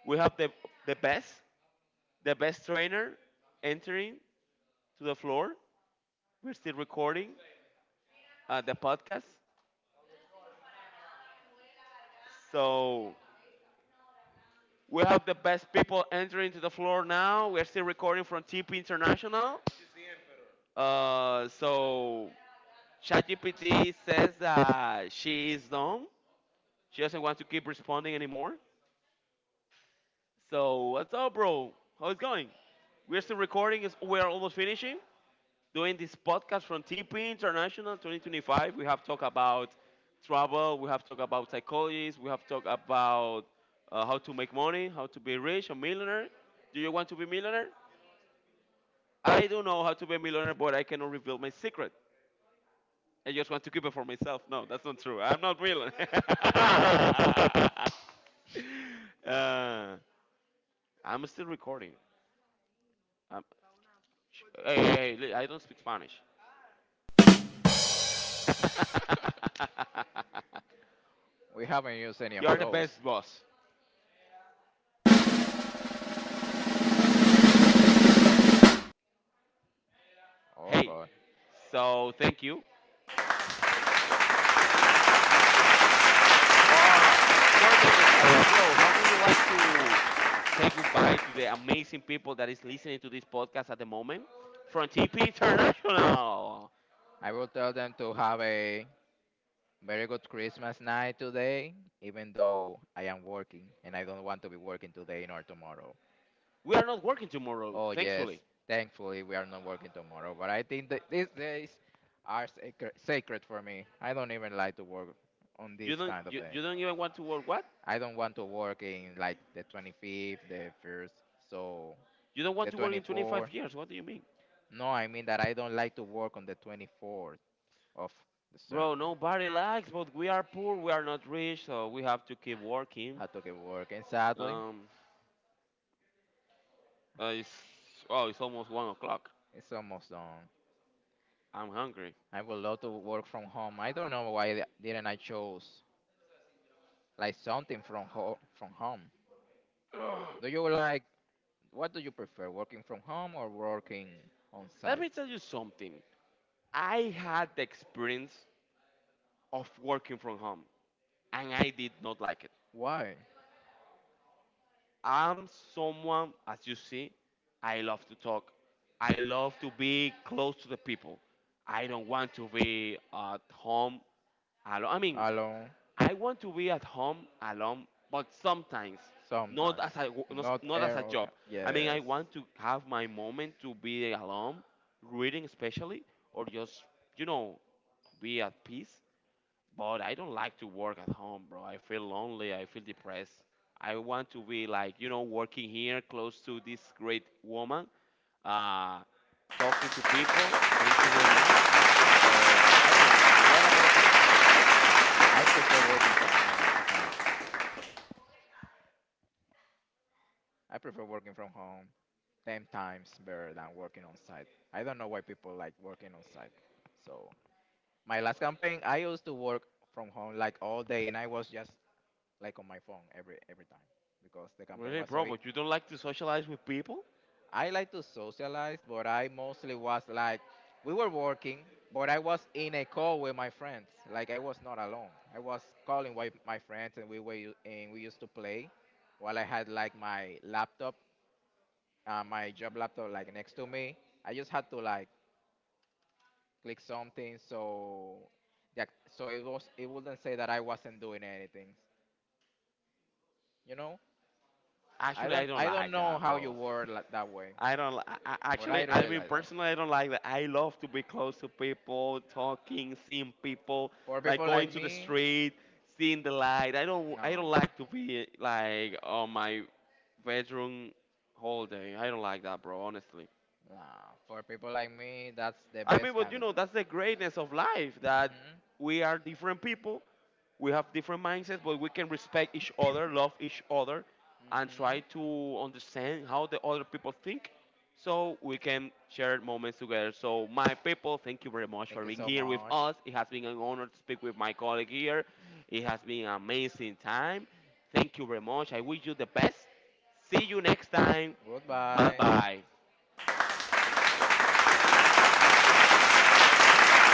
Speaker 1: We have the the best the best trainer entering to the floor. We're still recording uh, the podcast. So we have the best people entering to the floor now. We're still recording from T P International. Uh, so ChatGPT says that she is dumb. She doesn't want to keep responding anymore. So what's up, bro? How it's going? We're still recording. We're almost finishing. Doing this podcast from T P International twenty twenty-five. We have talked about travel, we have talked about psychologies, we have talked about uh, how to make money, how to be rich, a millionaire. Do you want to be millionaire? I don't know how to be a millionaire, but I cannot reveal my secret. I just want to keep it for myself. No, that's not true. I'm not real. *laughs* uh, I'm still recording. I'm, sh- Hey, hey, hey, li- I don't speak Spanish. *laughs*
Speaker 2: We haven't used any of
Speaker 1: You're the
Speaker 2: those.
Speaker 1: best boss.
Speaker 2: Oh
Speaker 1: Hey,
Speaker 2: god.
Speaker 1: so thank you. Uh, four minutes, uh, bro. How would you like to say goodbye to the amazing people that is listening to this podcast at the moment from T P International?
Speaker 2: I will tell them to have a very good Christmas night today, even though I am working and I don't want to be working today nor tomorrow.
Speaker 1: We are not working tomorrow,
Speaker 2: Oh yes,
Speaker 1: thankfully.
Speaker 2: thankfully we are not working tomorrow, but I think that these days are sacred, sacred for me. I don't even like to work on this
Speaker 1: You don't,
Speaker 2: kind of
Speaker 1: you,
Speaker 2: day.
Speaker 1: you don't even want to work. What?
Speaker 2: I don't want to work in like the twenty-fifth, the first, so
Speaker 1: You don't want
Speaker 2: the
Speaker 1: to work in
Speaker 2: twenty-fourth.
Speaker 1: twenty-five years? What do you mean,
Speaker 2: No, I mean that I don't like to work on the twenty-fourth of December.
Speaker 1: bro? Nobody likes, but we are poor. We are not rich, so we have to keep working.
Speaker 2: I took a work, and sadly,
Speaker 1: Um, uh, it's oh, it's almost one o'clock.
Speaker 2: it's almost done.
Speaker 1: I'm hungry.
Speaker 2: I would love to work from home. I don't know why th- didn't I chose like something from home. From home.
Speaker 1: *sighs* Ugh.
Speaker 2: Do you like, what do you prefer, working from home or working on
Speaker 1: Let
Speaker 2: site?
Speaker 1: me tell you something. I had the experience of working from home and I did not like it.
Speaker 2: Why?
Speaker 1: I'm someone, as you see, I love to talk. I love to be close to the people. I don't want to be at home alone. I mean,
Speaker 2: Alone
Speaker 1: I want to be at home alone, but sometimes not
Speaker 2: sometimes.
Speaker 1: as a wo- not
Speaker 2: Not
Speaker 1: not as
Speaker 2: air.
Speaker 1: a job.
Speaker 2: Okay.
Speaker 1: I mean, I
Speaker 2: Yes.
Speaker 1: want to have my moment to be alone, reading especially, or just you know, be at peace. But I don't like to work at home, bro. I feel lonely. I feel depressed. I want to be like, you know, working here close to this great woman, uh, talking to people. Thank you very much. So I don't like that. What about you?
Speaker 2: I prefer working from home. Honestly, I prefer working from home ten times better than working on site. I don't know why people like working on site. So my last campaign, I used to work from home like all day, and I was just like on my phone every every time because the campaign
Speaker 1: Really,
Speaker 2: was so.
Speaker 1: bro?
Speaker 2: E-
Speaker 1: But you don't like to socialize with people?
Speaker 2: I like to socialize, but I mostly was like we were working, but I was in a call with my friends. Like I was not alone. I was calling with my friends, and we were u- and we used to play while I had like my laptop, uh, my job laptop, like next to me. I just had to like click something so that so it was it wouldn't say that I wasn't doing anything. You know, I
Speaker 1: Actually, I
Speaker 2: don't
Speaker 1: don't
Speaker 2: I don't
Speaker 1: like
Speaker 2: know
Speaker 1: that,
Speaker 2: how you
Speaker 1: bro.
Speaker 2: were like that way,
Speaker 1: I don't. Li- I, I-
Speaker 2: but I
Speaker 1: actually, I
Speaker 2: really
Speaker 1: mean,
Speaker 2: like that.
Speaker 1: personally, I don't like that. I love to be close to people, talking, seeing people,
Speaker 2: For
Speaker 1: like
Speaker 2: people
Speaker 1: going
Speaker 2: like
Speaker 1: to the
Speaker 2: me,
Speaker 1: street, seeing the light. I don't.
Speaker 2: no,
Speaker 1: I don't like to be like on my bedroom whole day. I don't like that, bro. Honestly.
Speaker 2: nah. For people like me, that's the
Speaker 1: I mean,
Speaker 2: best
Speaker 1: but
Speaker 2: kind
Speaker 1: you
Speaker 2: of
Speaker 1: know,
Speaker 2: job.
Speaker 1: that's the greatness of life that
Speaker 2: Mhm,
Speaker 1: we are different people, we have different mindsets, but we can respect each other, love each other, and try
Speaker 2: mhm.
Speaker 1: to understand how the other people think so we can share moments together. So, my people, thank you very much
Speaker 2: Thank
Speaker 1: for
Speaker 2: you
Speaker 1: being
Speaker 2: so
Speaker 1: here with
Speaker 2: much.
Speaker 1: us. It has been an honor to speak with my colleague here. It has been an amazing time. Thank you very much. I wish you the best. See you next time. Bye
Speaker 2: Goodbye.
Speaker 1: bye.
Speaker 2: Goodbye.